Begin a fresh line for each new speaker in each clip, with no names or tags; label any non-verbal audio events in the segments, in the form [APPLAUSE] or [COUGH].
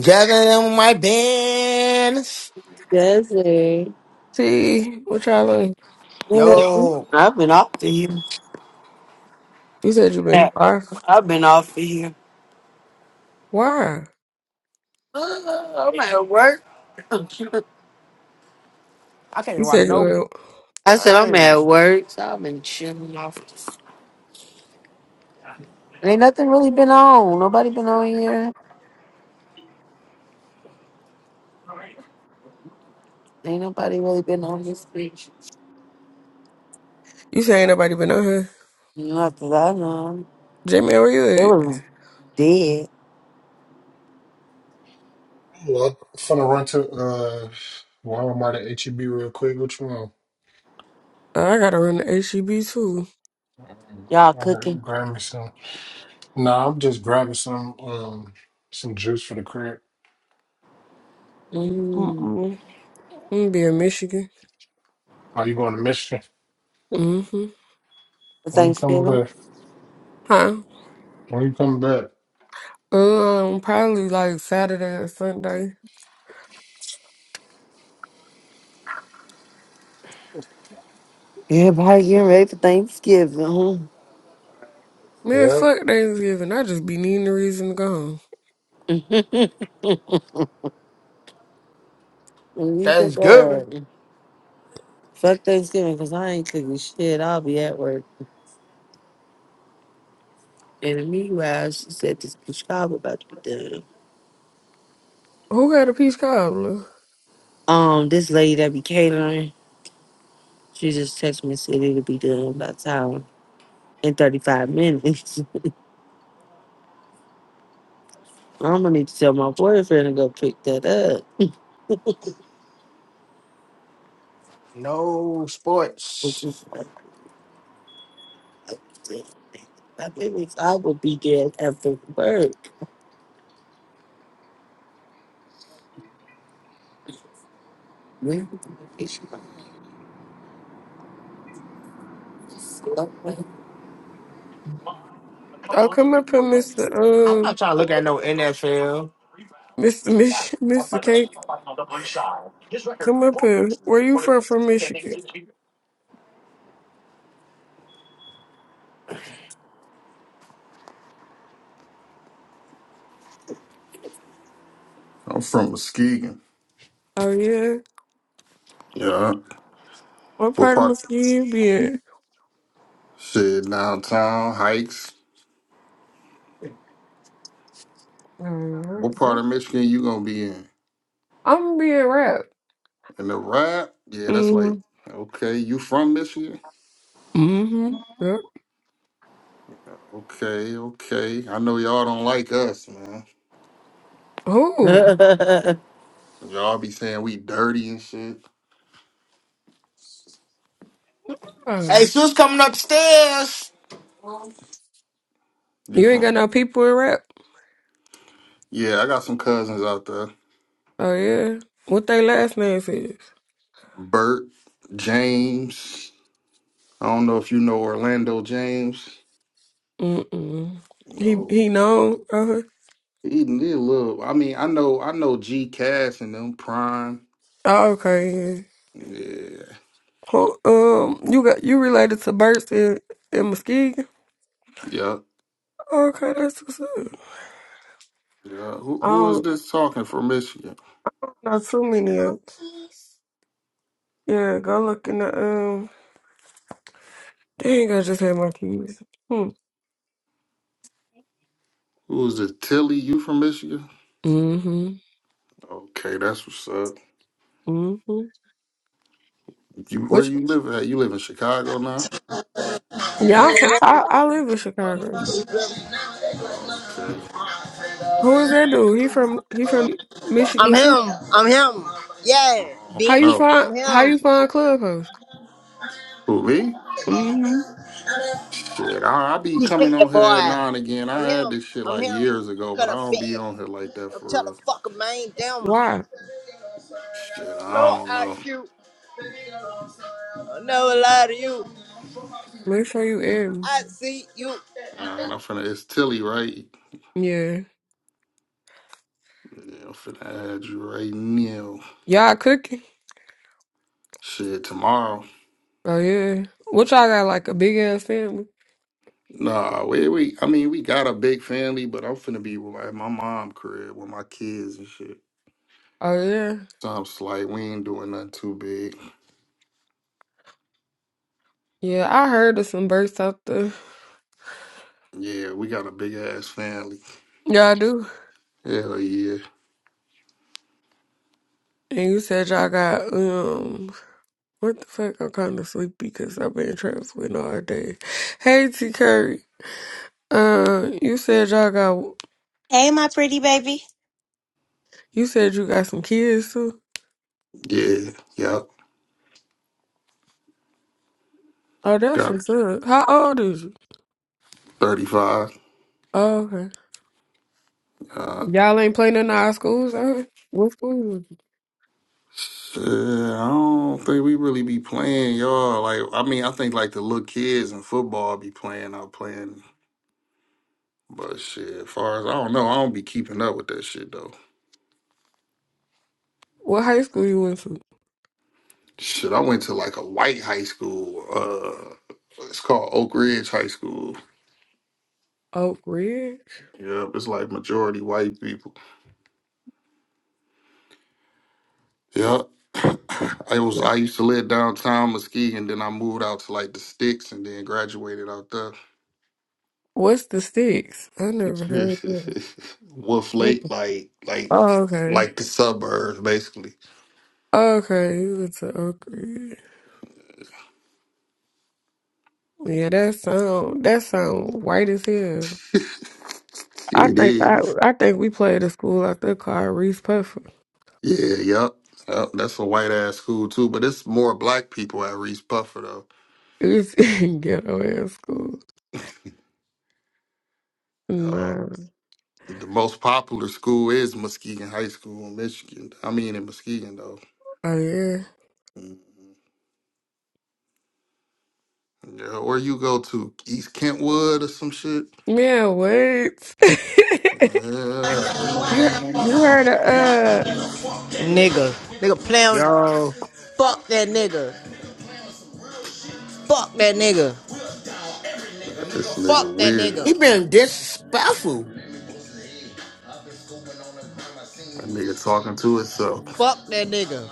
Gathering with my bands.
Desi.
See, what y'all like?
[GASPS]
Yo,
You said you been why? Why?
I'm at work.
I can't
You
even watch
said you
no
were,
I said I'm at
games.
work, so I've been chilling off. Ain't nothing really been on. Nobody been on here. Ain't nobody really been on this bitch.
you said ain't nobody been on here.
Not that I know.
Jamie, where
It
you at?
was dead.
Well, I'm finna run to uh Walmart at HEB real quick. Which one?
Oh, I gotta run the HEB too.
Um,
Y'all
I gotta
cooking.
grab me some. Nah, I'm just grabbing some um some juice for the crib.
Mm.
Mm-mm. I'm be in Michigan.
Are you going to Michigan?
Mm-hmm.
For
When you coming
Thanksgiving.
back?
Huh?
When you coming back?
Um, probably like Saturday or Sunday.
Everybody getting ready for Thanksgiving. Huh?
Man,
Yep.
fuck Thanksgiving. I just be needing a reason to go home.
[LAUGHS] and you said,
That's
girl,
good.
fuck Thanksgiving because I ain't cooking shit. I'll be at work. And in the meanwhile, she said this bitch job about to be done.
Who got a peach cobbler?
Um, this lady that be catering, she just texted me and said it'll be done by the time in 35 minutes. [LAUGHS] I'm gonna need to tell my boyfriend to go pick that up.
No
Which
sports.
is like, I think I would be there after work. [LAUGHS] When is she?
Oh, come up here, Mister.
I'm
Um,
not trying to look at no NFL.
Mister Mich- Mister Cake. Come up here. Where you from? From Michigan?
I'm from Muskegon.
Oh yeah.
Yeah.
What
What
part of my
part?
skin be it?
Shit, downtown, hikes.
hmm
What part of Michigan you gonna be in?
I'm being wrapped.
In the ride? Yeah, that's like,
Mm-hmm.
okay, you from Michigan?
Mm-hmm. Yep.
Okay, okay. I know y'all don't like us, man.
Oh.
[LAUGHS]
Y'all be saying we dirty and shit.
Hey,
Oh.
Sus coming upstairs.
You
You ain't got
from?
no people in rap?
Yeah, I got some cousins out there.
Oh yeah. What they last name is?
Bert, James. I don't know if you know Orlando James.
Mm-mm. He
No.
he known. Uh,
He, he a little. I mean, I know, I know G Cass and them Prime.
oh, okay.
Yeah.
Oh, um, you got you related to Burst in in Muskegon?
Yeah.
Okay, that's what's up.
Yeah. Who
I
who is
don't
this talking from Michigan?
know too many of 'em. Yeah, go look in the um. Dang, I just had my keys. mm
Who is it? Tilly, you from Michigan?
Hmm. Mm-hmm.
Okay, that's what's up.
Mm-hmm.
You where
Which
you live at? You live in Chicago now?
yeah, I'm from, I I live in Chicago.
Okay.
Who is that dude? He from he from
I'm
Michigan too.
him. I'm him. Yeah,
How
Oh
bitch.
you
no.
find
I'm
how
him.
you find Clubhouse?
Who me?
Mm-hmm.
Shit, I, I be
You stick
coming
that
on
boy.
here now and again. I
I'm
had
him.
this shit
I'm
like
him.
years ago,
Cut
but I
a
don't be
bed.
on here like that
I'm
for
telling
real.
fuck him, man. Damn.
Why?
Shit, I
Low
don't know.
IQ. never lie to you.
Make sure you in.
I see you.
And I'm finna it's Tilly, right?
Yeah.
Yeah, I'm finna add you right now.
Y'all cooking?
Shit, tomorrow.
Oh yeah. What y'all got like a big ass family?
Nah, we we I mean we got a big family, but I'm finna be with- at my mom crib with my kids and shit.
Oh yeah.
Sounds like we ain't doing nothing too big.
Yeah, I heard of some births out there.
Yeah, we got a big ass family.
Y'all do.
Hell yeah.
And you said y'all got um what the fuck? I'm kind of sleepy because I've been traveling all day. Hey T Curry. Uh, you said y'all got
Hey, my pretty baby.
You said you got some kids too?
Yeah. Yep.
Oh, that's
Got
what's up. How old is you?
35.
Oh, okay.
Uh
Y'all ain't playing in our schools, huh? What school you went to?
shit, I don't think we really be playing, y'all. Like I mean, I think like the little kids in football be playing out playing. But shit, as far as I don't know, I don't be keeping up with that shit though.
What high school you went to?
Shit, I went to like a white high school. Uh, it's called Oak Ridge High School.
Oak Ridge?
Yep, it's like majority white people. Yep. [COUGHS] I was
Yeah.
I used to live downtown Muskegon, then I moved out to like the sticks, and then graduated out there.
What's the sticks? I never
[LAUGHS]
heard that.
Wolf
What the-
Lake, like like
Oh, okay.
like the suburbs, basically.
Okay, you went to Oak Ridge. Yeah, that sound that sound white as hell. I
It
think I
is.
I think we played a school out there called Reese Puffer.
Yeah. Yep. Yep. That's a white ass school too, but it's more black people at Reese Puffer though.
It was [LAUGHS] ghetto ass school.
Yup.
Nah.
The most popular school is Muskegon High School in Michigan. I mean, in Muskegon, though.
Oh yeah.
Mhm. Yeah, or you go to East Kentwood or some shit.
Yeah, what? [LAUGHS]
Yeah, I know who I'm
you
talking.
you heard of uh
Nigga. Nigga playing with
Yo,
Fuck that nigga. Fuck that nigga.
This nigga
Fuck that
he
weird.
nigga.
been disrespectful.
That nigga talking to himself.
Fuck that nigga.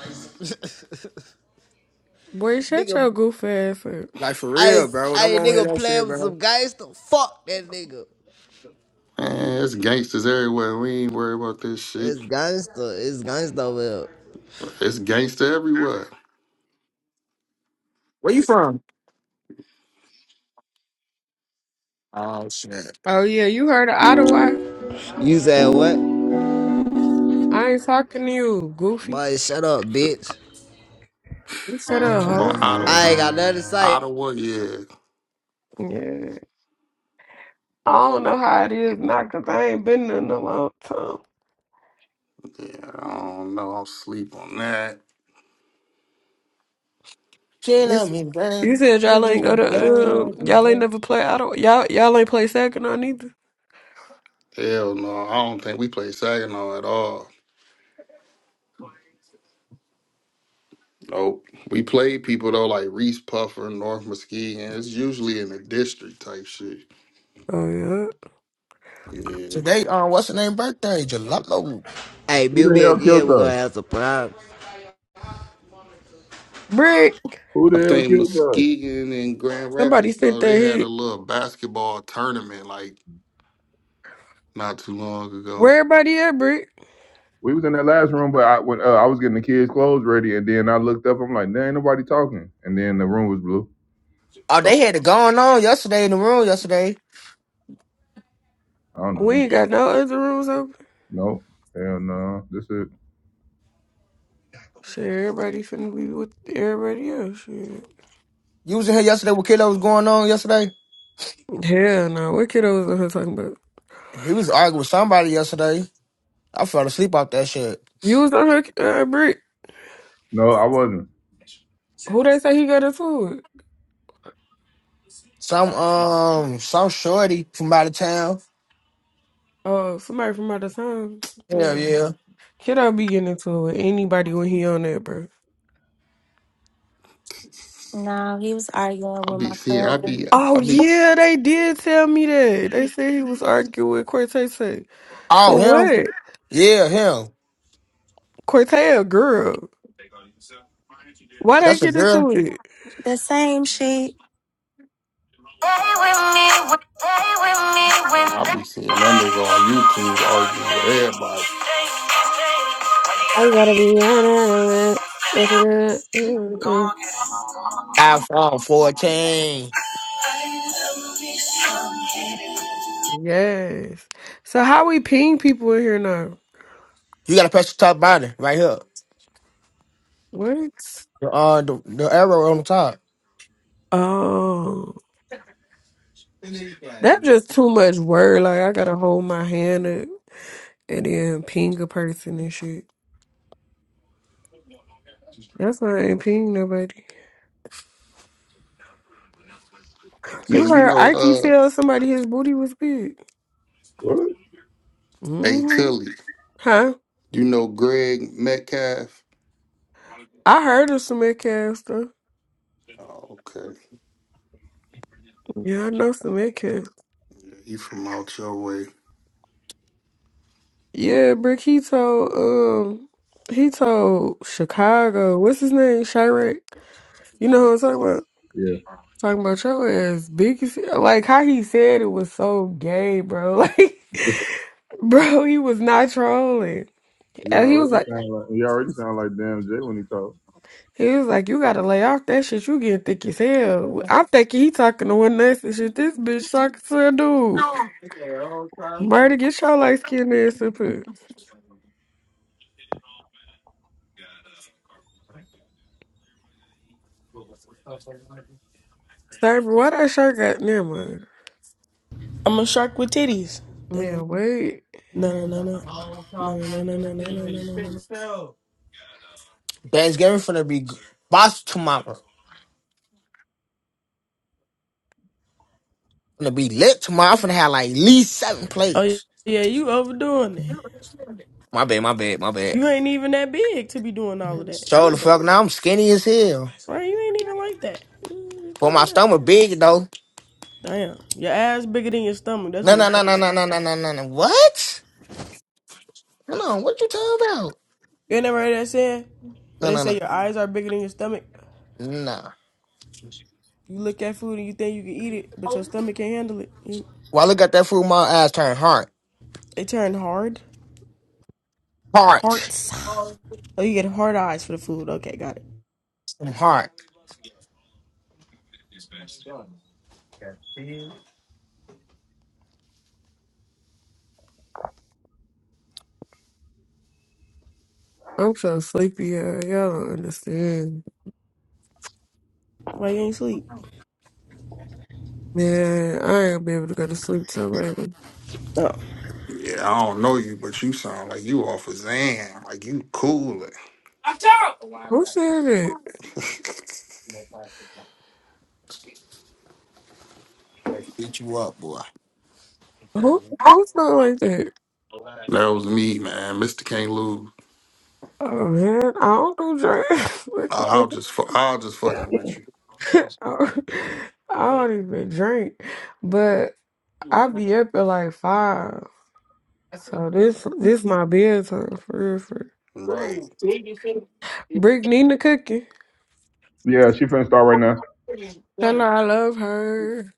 boy, shut
Nigga.
your goofy ass up.
Like for
I,
real, bro. Don't
I
want to hear
nigga
that
playing
shit,
with
bro.
some gangster. Fuck that nigga.
Man, it's gangsters everywhere. We ain't worried about this shit.
It's gangster. It's gangster. Will.
It's gangster everywhere.
Oh shit.
Oh yeah, you heard of Ottawa?
You said what?
I ain't talking to you, goofy.
Boy, shut up, bitch.
You shut up,
Come on,
hoe.
Ottawa.
I ain't got nothing to say.
Ottawa, yeah.
Yeah. I don't know how it is now, cause I ain't been there in a long time.
Yeah, I don't know. I'm sleep on that.
She
You,
love
s-
me, bro.
you said y'all ain't go to um y'all ain't never play Ottawa. Y'all y'all ain't play second on either.
Hell no, I don't think we play Saginaw at all. Nope. We played people though like Reese Puffer, North Muskegon. It's usually in the district type shit.
Oh yeah.
Yeah.
Today, um, what's her name birthday? Jalopno.
Hey,
Who
mute me
the hell
again.
killed
We gonna
us?
have some problems.
Brick.
Who
I
the hell
think
killed us?
Muskegon and Grand
Somebody
Rapids
sent
though,
that
they had a
hit.
little basketball tournament like not too long ago.
Where everybody at, Brick?
We was in that last room, but I when uh, I was getting the kids' clothes ready, and then I looked up. I'm like, there ain't nobody talking, and then the room was blue.
Oh,
So,
they had it going on yesterday in the room yesterday.
I don't know.
We ain't got no other rooms open.
Nope. Hell no. This is
Shit, everybody finna be with everybody else. Shit.
You was in here yesterday with Kiddo was going on yesterday.
Hell no, what kiddo was on her talking about?
He was arguing with somebody yesterday. I fell asleep off that shit.
You was on her uh, brick.
no. I wasn't.
Who they say he got into it?
Some um some shorty from out of town.
Oh, somebody from out of town. [TSK]
Hell yeah.
Man, kiddo be getting into it with anybody when he on there, bro.
No, he was arguing
I'll
with my
be seeing I be
cousin.
Oh
I be
yeah, they did tell me that. They said he was arguing with Cortez.
Oh
For
him?
what?
Yeah, him.
Cortez, girl. Why they
That's a
get
girl.
into it?
The same shit.
Stay with me. when- Stay with me when
I be seeing that nigga on YouTube arguing with everybody.
I gotta be. mad.
iPhone 14.
Yes. So how we ping people in here now?
You gotta press the top button right here.
What?
The uh the, the arrow on the top.
Oh, that's just too much work. Like I gotta hold my hand up and then ping a person and shit. That's why I ain't ping nobody.
Hey,
You
you
heard
know
Ike
uh
tell somebody his booty was big.
What?
hey
hmm
Tilly,
Huh?
you know Greg Metcalf?
I heard of some Metcalf stuff.
Oh, okay.
Yeah, I know some Metcalf.
Yeah, he from out your way.
Yeah, Brick. He told um. He told Chicago, what's his name? Chirac. You know who I'm talking about?
Yeah.
Talking about your ass big as like how he said it was so gay, bro. [LAUGHS] Like, bro, he was not trolling,
He
and he was
already
like,
sound like he already sound like damn Jay when he talk.
he was like, you gotta lay off that shit. You getting thick as hell. I'm thinking he talking to one ass and shit. This bitch talking to a dude. Murder, get your light skinned ass up here. Sir, why that shirt got never mind.
I'm a shark with titties. No, no,
Man, wait.
no, no, no, no, no, no, no, no, no, no.
Thanksgiving finna be g- boss tomorrow. Finna be lit tomorrow. I'm finna have like at least seven
Oh yeah,
plates.
yeah, you overdoing it.
My bad, my bad, my bad.
You ain't even that big to be doing all of that
So the
either,
fuck now I'm skinny as hell.
right? You ain't even like that. Ooh,
But my
calm down.
stomach big though.
Damn, your ass bigger than your stomach. That's
No,
what it
no, no,
sounds
no,
like.
no, no, no, no, no. no. What? Hold on. What you talking about?
You ain't never heard that saying? Where
No,
they
no,
say
no.
your eyes are bigger than your stomach.
Nah.
You look at food and you think you can eat it, but your stomach can't handle it. You-
Well, I look at that fool, my ass turn hard.
It turned hard.
Hard.
Hearts. Oh, you get hard eyes for the food. Okay, got it.
I'm hard.
I'm so sleepy. Uh, y'all don't understand.
Why you ain't sleep?
Man, I ain't gonna be able to go to sleep till later.
Oh.
Yeah, I don't know you, but you sound like you off of Zan. Like you coolin'.
Who said it?
[LAUGHS] that
Like, Beat you up, boy.
Who who's not like that?
was me, man. Mister can't lose.
Oh man, I don't do drink. [LAUGHS] What
I'll
the
just, fu- I'll just fucking with you.
fuck? [LAUGHS] I don't I don't even drink, but I be up at like five. So this this my bedtime for real. For real.
Right.
Brick Nina cooking.
Yeah, she finna start right now.
Tell her I love her.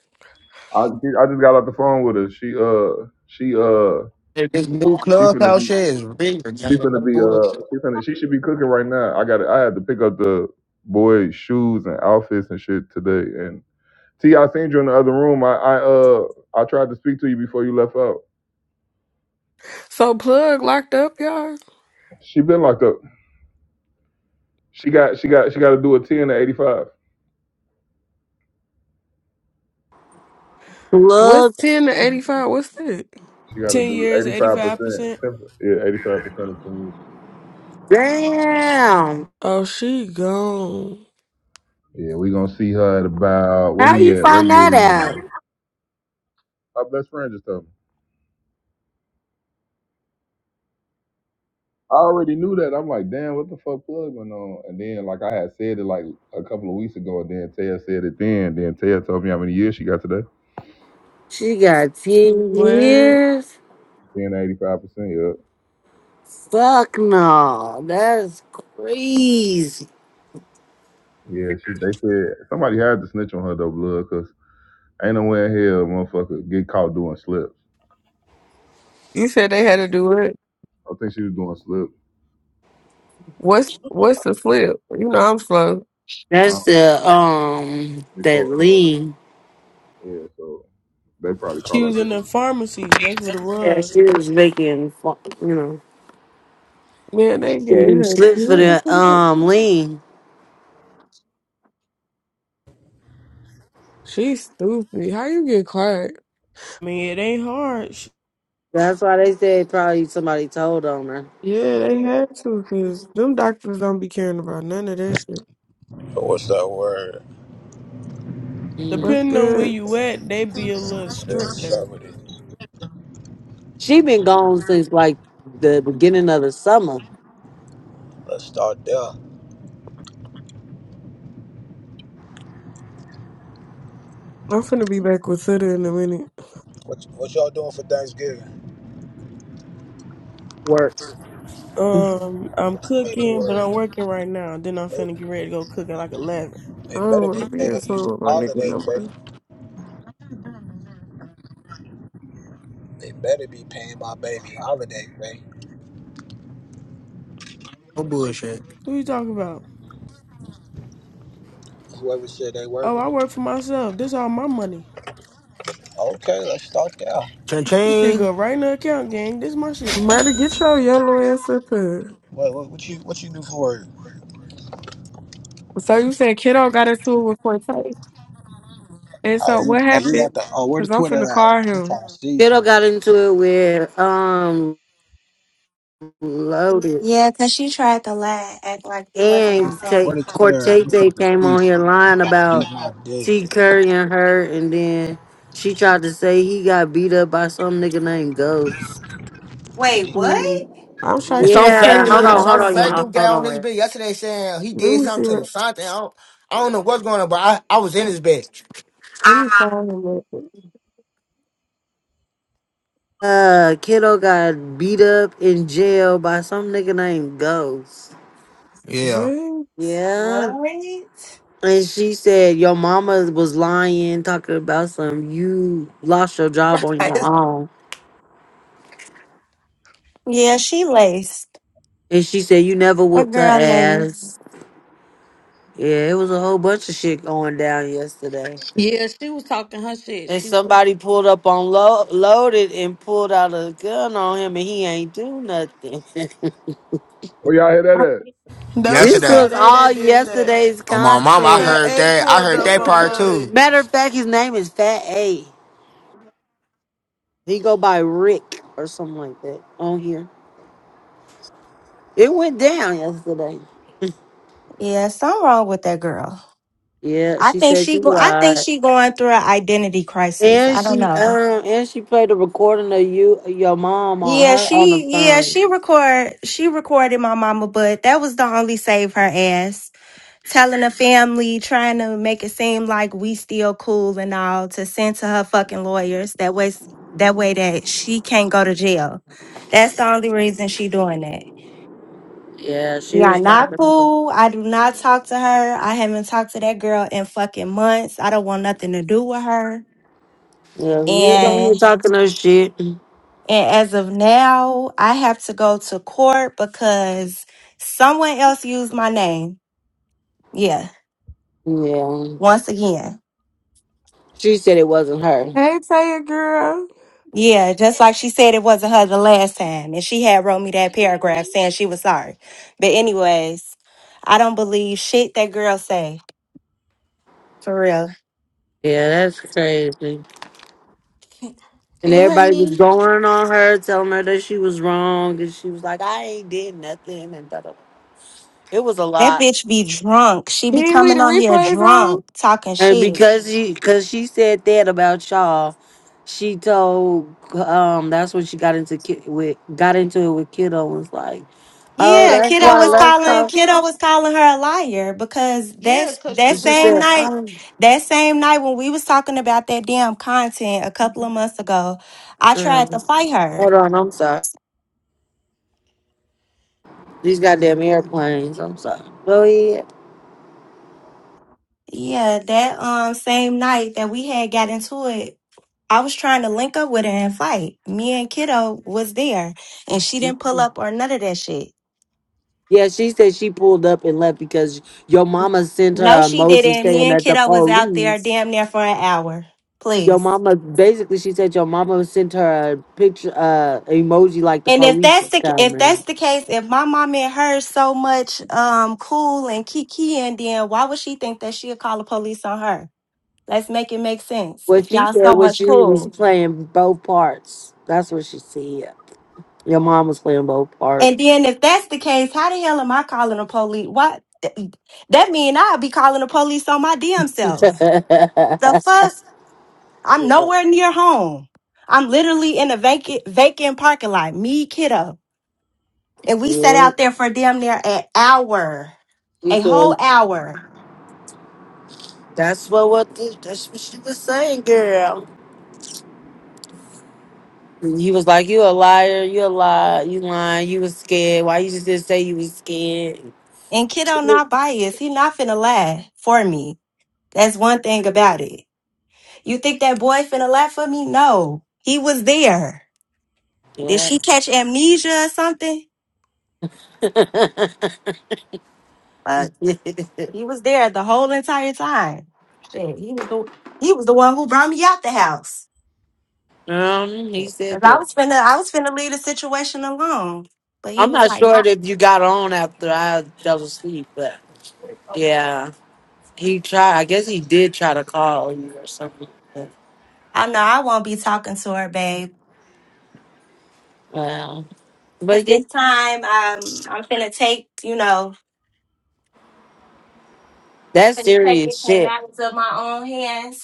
I she, I just got off the phone with her. She uh she uh
Hey, This new
She finna
clubhouse
be.
shit is rigged.
She
man.
finna be.
Bullshit.
Uh, she finna. She should be cooking right now. I got. to I had to pick up the boys' shoes and outfits and shit today. And T, I seen you in the other room. I, I uh, I tried to speak to you before you left out.
So plug locked up, y'all.
She been locked up. She got. She got. She got to do a ten to eighty five.
What's
Looks
ten to eighty five? What's that?
She got to
10
do
years,
eighty five
85%.
percent. Yeah, eighty five percent of ten.
damn.
Oh, she gone.
Yeah, we gonna see her at about what
How
we
you
at? What
find
year
that
we in?
out?
Her best friend just told me. I already knew that. I'm like, damn, what the fuck plug went on? And then, like I had said it like a couple of weeks ago, and then Taya said it then. Then Taya told me how many years she got today.
She got ten
What?
years.
Then 85 percent. Yep.
Fuck no, that's crazy.
Yeah, she. They said somebody had to snitch on her though, blood, cause ain't no way in hell, motherfucker, get caught doing slips.
You said they had to do it.
I think she was doing slip.
What's what's the flip? You know I'm slow.
Huh?
That's the um that
Before, uh,
lean.
yeah. So they probably
She
caught her
was in the
doing.
pharmacies. That's what it
Yeah,
was.
she was making fu- you know
Man, they
giving
gave
them
her
slips for
ten
the
for that.
um lean.
She's stupid. How you get caught?
I mean, it ain't hard.
That's why they said probably somebody told on her.
Yeah, they had to, cause them doctors don't be caring about none of that shit.
What's that word?
Mm.
What's
Depending on where
good?
you at, they be a little stricter.
Longevity.
She been gone since like the beginning of the summer
Let's start there.
I'm finna be back with Suda in a minute.
What, what y'all doing for Thanksgiving?
work.
Um, I'm cooking, but
Anyway,
I'm working right now. Then I'm
they,
finna get ready to go cook at like 11.
they
I don't
better be
wanna be in
paying you some
insulted with my nigga
holiday
no
pay.
more.
They better be paying my baby holiday pay.
No bullshit.
What you talking about?
Whoever said they
Oh, I
working.
work for myself. This all my money.
Okay, let's start there.
Ching
This shit
ching.
go right in the account, gang. This my shit.
Murder, get your yellow ass up here.
What, what, what you what you do for work?
So you said kiddo got into it with Forte, and
Oh,
so
you,
what
oh, you got
happened?
the oh where the
Cause I'm
Twitter
finna call
at? I'm
him.
trying to see
Fiddle
something.
got into it with um loaded
Yeah, cause she tried to lie, act like he wasn't
and
outside.
Where
Tay
the Twitter at? I'm
Cortese
trying to
came
see
on here
something.
lying
Trying to
about
eat
T. Curry and her, and then she tried to say he got beat up by some nigga named Ghost.
my
Wait,
dick.
what?
Mm, I'm sure I
And some
can't tell
fat
her
Yeah,
to
hold
get
dude,
on,
some
hold
outside.
on,
fat
y'all,
dude
Let
hold
got on
on.
this
Wait.
bed yesterday saying he did
me see
something to
what.
Lasante. I don't, I don't know what's going on, but I, I was in his bed.
Let me call him. Up.
Uh, kiddo got beat up in jail by some nigga named Ghost.
Yeah.
What?
Yeah,
What?
and she said your mama was lying, talking about some you lost your job on your
[LAUGHS]
own,
Yeah, she laced.
and she said you never
A
whooped her
girl laced.
ass. Yeah, it was a whole bunch of shit going down yesterday.
Yeah, she was talking her shit.
And
She was.
somebody pulled up on lo- loaded and pulled out a gun on him, and he ain't do nothing. [LAUGHS]
Where y'all hear that at?
That was
this
yesterday.
was
Fat A
all
that did that.
yesterday's
Oh my mom, I
content.
Fat
heard
A
that. I
pulled
heard
up
that
on
part too.
Loaded.
Matter of fact, his name is Fat A. He go by Rick or something like that on here. It went down yesterday.
Yeah, something wrong with that girl.
Yeah,
I
she
think
said
she
you
go. I think
lied,
she going through an identity crisis.
and
I don't
she
know.
um and she played a recording of you your mom on
Yeah,
her on the
she. Yeah, she
phone.
record. She recorded my mama, but that was the only save her ass. telling the family, trying to make it seem like we still cool and all, to send to her fucking lawyers. That way, that way that she can't go to jail. That's the only reason she doing that.
Yeah, she
We are
was
not
talking.
cool. I do not talk to her. I haven't talked to that girl in fucking months. I don't want nothing to do with her.
Yeah, she was over
And
here talking her shit.
and as of now, I have to go to court because someone else used my name. Yeah.
Yeah.
Once again.
She said it wasn't her.
Hey, Taya girl.
Yeah, just like she said it wasn't her the last time. And she had wrote me that paragraph saying she was sorry. But anyways, I don't believe shit that girl say. For real.
Yeah, that's crazy.
Can
And
can you hear
everybody was
me?
going on her, telling her that she was wrong, and she was like, "I ain't did nothing," and da da. It was a
That
lot.
bitch be drunk. She
Can
be
you leave
coming
the
on here
replays on?
drunk, talking
And
shit.
because she, because she said that about y'all, she told. Um, that's when she got into ki- with got into it with kiddo. and Was like, "Oh,
Yeah,
Cause
that's
kiddo
why
was
kiddo,
let's
cause
calling
talk."
kiddo
kiddo,
was calling her a liar because
yeah,
that's
cause
that
she
And She
was
same
lying.
said,
night,
"Um,
that same night when we was talking about that damn content a couple of months ago, I tried to
mm,
fight her.
hold on, I'm sorry. These goddamn airplanes. I'm sorry." Go ahead.
Yeah, that um same night that we had got into it, I was trying to link up with her and fight. Me and Kiddo was there, and she didn't pull up or none of that shit.
Yeah, she said she pulled up and left because your mama sent
No,
her a
she
emoji
didn't. Me
saying
and
that the
Kiddo was out there
police.
damn near for an hour.
Your
Please.
mama basically she said your mama sent her a picture uh emoji like the
And if
police
that's
is
the if that's
coming.
the case, if my mom and her so much um cool and kiki and then why would she think that she'd call the police on her? Let's make it make sense.
What
If
she
y'all
said
so
was
much
she
cool.
was playing both parts. That's what she said. Your mom was playing both
And
parts.
then if that's the case, how the hell am I calling the police? What? th- That mean I'll be calling the police on my damn self. The fuck?
[LAUGHS]
I'm nowhere near home. I'm literally in a vacant vacant parking lot, me kiddo. And we sat
yeah.
out there for damn near an hour,
She
a whole
said
hour.
that's what what the, that's what she was saying, girl. He was like, "You a liar! You a lie! You lying! You was scared. Why you just didn't say you was scared?"
And kiddo not biased. He not finna lie for me. That's one thing about it. You think that boy finna lie for me? No. He was there. Did
Yeah.
she catch amnesia or something?
[LAUGHS]
He was there the whole entire time. Shit, he was the he was the one who brought me out the house.
um, he
Cause
said
I
that.
was finna I was finna leave the situation alone. But he
I'm
was
not
like,
sure
I,
if you got on after I fell asleep, but yeah, he tried. I guess he did try to call you or something. But,
I know I won't be talking to her, babe.
wow,
Cause
but yeah,
this time um I'm finna take, you know,
that's
finna take
serious
it to the
shit.
matters of my own hands.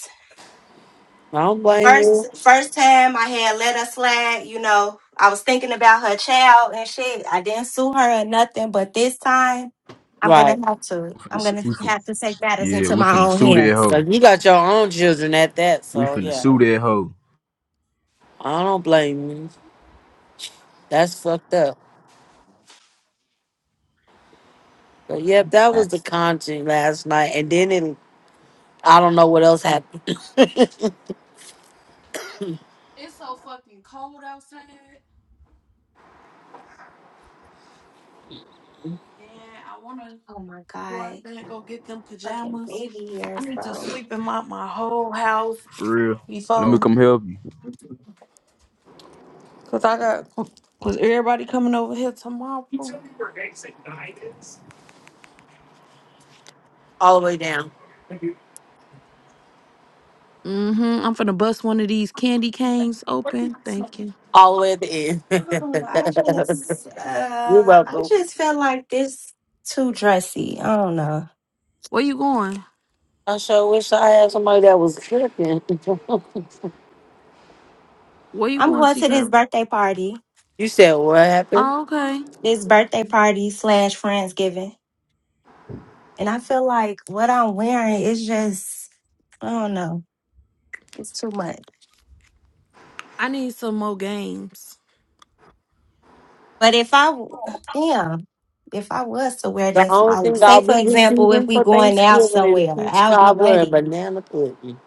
I don't blame
First,
you,
first time I had let her slide, you know, I was thinking about her child and shit. I didn't sue her or nothing, but this time I'm gonna
right?
have to.
We finna,
I'm
su-
gonna
we fin-
have to take matters
yeah,
into
we
my
finna
own
sue that
hands.
hoe.
But you got your own children at that,
We
so
finna sue
yeah,
that hoe.
I don't blame you. That's fucked up. So, yep, that
Uh,
was the content last night, and then it, I don't know what else happened. [LAUGHS]
It's so fucking cold outside, and I wanna
Oh my
go out
god,
there and go get them
fucking
pajamas.
baby
I
ears,
need to
bro.
sweep in my my whole house
For real. Let me
before,
come help you.
cause I got, cause everybody coming over here tomorrow.
all the way down,
Mm-hmm. I'm finna bust one of these candy canes open. Thank you.
all the way at
I don't know. I
the end.
just,
[LAUGHS] You're
uh, I
welcome.
just feel like this too dressy. I don't know.
Where you going?
I sure wish I had somebody that was tripping. [LAUGHS]
Where you
I'm
going,
going
T.
to this
Kirby?
birthday party,
you said what happened?
Oh, okay.
this birthday party slash friendsgiving, and I feel like what I'm wearing is just. I don't know. It's too much.
I need some more games.
But if I, w- yeah, if I was to wear
The
this,
only
like,
thing I'll
say for
be
example, if
receiving
we
for
going out
Thanksgiving is
somewhere,
peach
I'll be
cobbler and
ready.
banana pudding.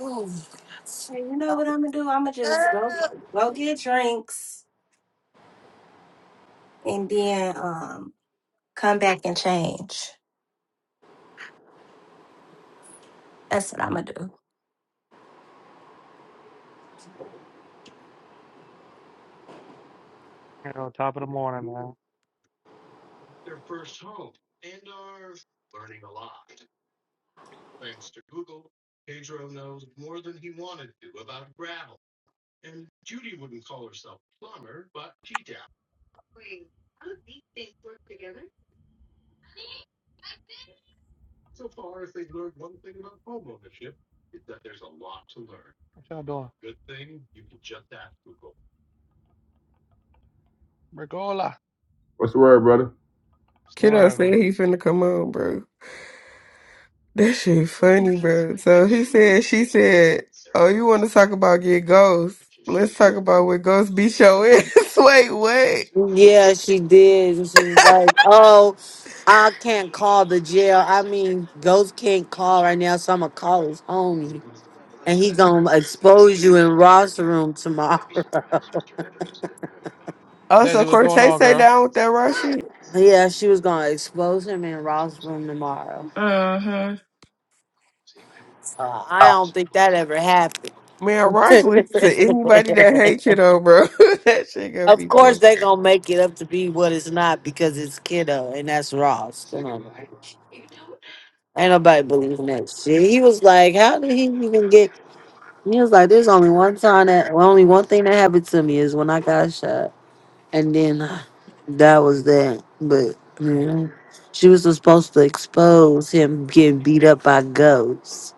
Ooh.
Hey, you know what I'm gonna do? I'm gonna just go go get drinks and then um come back and change. That's what I'm gonna do.
You know, top of the morning, man. What y'all doing? Rigola.
What's the word, brother?
It's the
Kiddo
word,
said
man.
he finna come on, bro. That shit funny, bro. So he said, she said, oh, you want to talk about get ghosts? Let's talk about what ghosts beat your ass. [LAUGHS] wait, wait.
Yeah, she did. And she was like, Oh, I can't call the jail. I mean, Ghost can't call right now, so I'm gonna call his homie. And he gonna expose you in Ross room tomorrow.
Also,
Desi, what's going
Cortez
on,
say
girl?
down with that raw shit.
[LAUGHS] yeah, she was gonna expose him in Ross room tomorrow.
Mm-hmm.
Uh, I don't think that ever happened.
Man, Ross listens to anybody that
[LAUGHS]
hate kiddo, bro. [LAUGHS] that shit gonna
of
be
course,
crazy.
they gonna make it up to be what it's not because it's kiddo and that's Ross. Come on, man. ain't nobody believing that shit. He was like, "How did he even get?" He was like, "There's only one time that, well, only one thing that happened to me is when I got shot, and then uh, that was that." But you know, she was supposed to expose him getting beat up by goats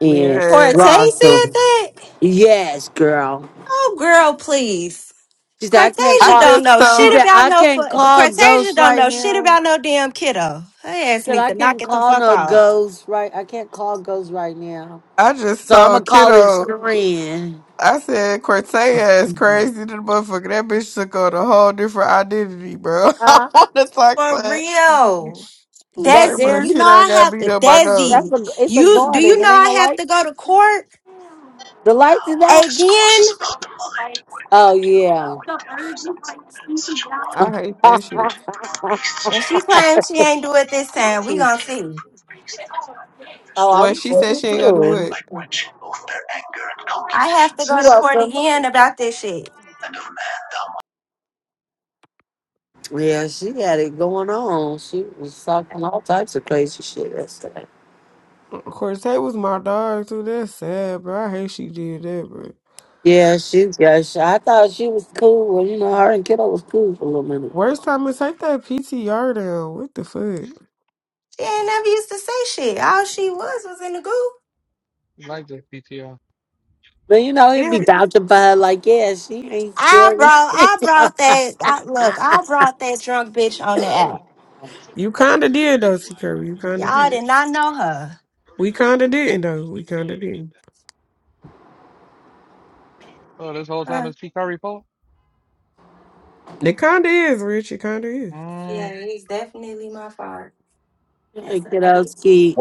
and
Man,
Cortez said
Russell.
that.
Yes, girl.
Oh, girl, please.
She said, "I can't
I
Cortasia
call."
don't
just
know
She
told,
shit
said,
about
"I
no.
can't
Fu-
call
Cortasia
ghosts
don't
right
know shit
now."
about no damn kiddo. Her
She
ass
said,
need
"I
to knock
can't
it the
call
fuck
no
out.
ghosts right. I can't call ghosts right now.
I just
So I'm gonna
told
call his
kiddo.
friend."
I said Cortez is crazy to the motherfucker. That bitch took on a whole different identity, bro. [LAUGHS] I
Huh?
wanna talk
For
that.
real.
He's
Back
like,
Desi,
but
there.
you know
kiddo
I
got
have
beat
to
up by goats.
Desi,
That's a, it's a
you do you
garden.
know
It ain't
I
no
have
lights.
to go to court
The
Now
lights is
our
out.
discourse
again?
is about the mind, what it can
Oh
do, and
yeah.
how it differs, and is in men such a
[LAUGHS]
one
I
oh,
hate that shit.
to improve beasts
And she
changed,
claims she ain't do it this time. We
and
gonna
again can
see.
improve beasts that is not beneficial,
Well,
I'm
she
sure
said
you
she
but
ain't gonna
in
do
men
do.
by
it.
quenching both their anger and
I have to go
You
concupiscences.
to court
welcome.
again about this shit.
And of man thou
Yeah, she had it going on. She was talking all types of crazy shit yesterday.
Cortez was my dog too. That's sad, bro. I hate she did that, bro.
Yeah, she. Yeah, she, I thought she was cool. Well, you know, her and kiddo was cool for a little minute.
Worst time is take that PTR down. What the fuck?
She ain't never used to say shit. All she was was in the goo.
You like this PTR?
But you know, he'd
Yeah.
be vouching for her like, yeah, she ain't
I
scared of
brought
shit.
I brought that I, look, I
[LAUGHS]
brought that drunk bitch on the app.
You kinda did though, C. Curry. You kinda
Y'all
did.
did not know her.
We kinda didn't though. We kinda didn't.
Oh, this whole time
Huh.
it's P Curry Pope?
It kinda is, Rich. It kinda is.
yeah, it's definitely my fault.
Hey,
That's what I did.
kiddo's cute.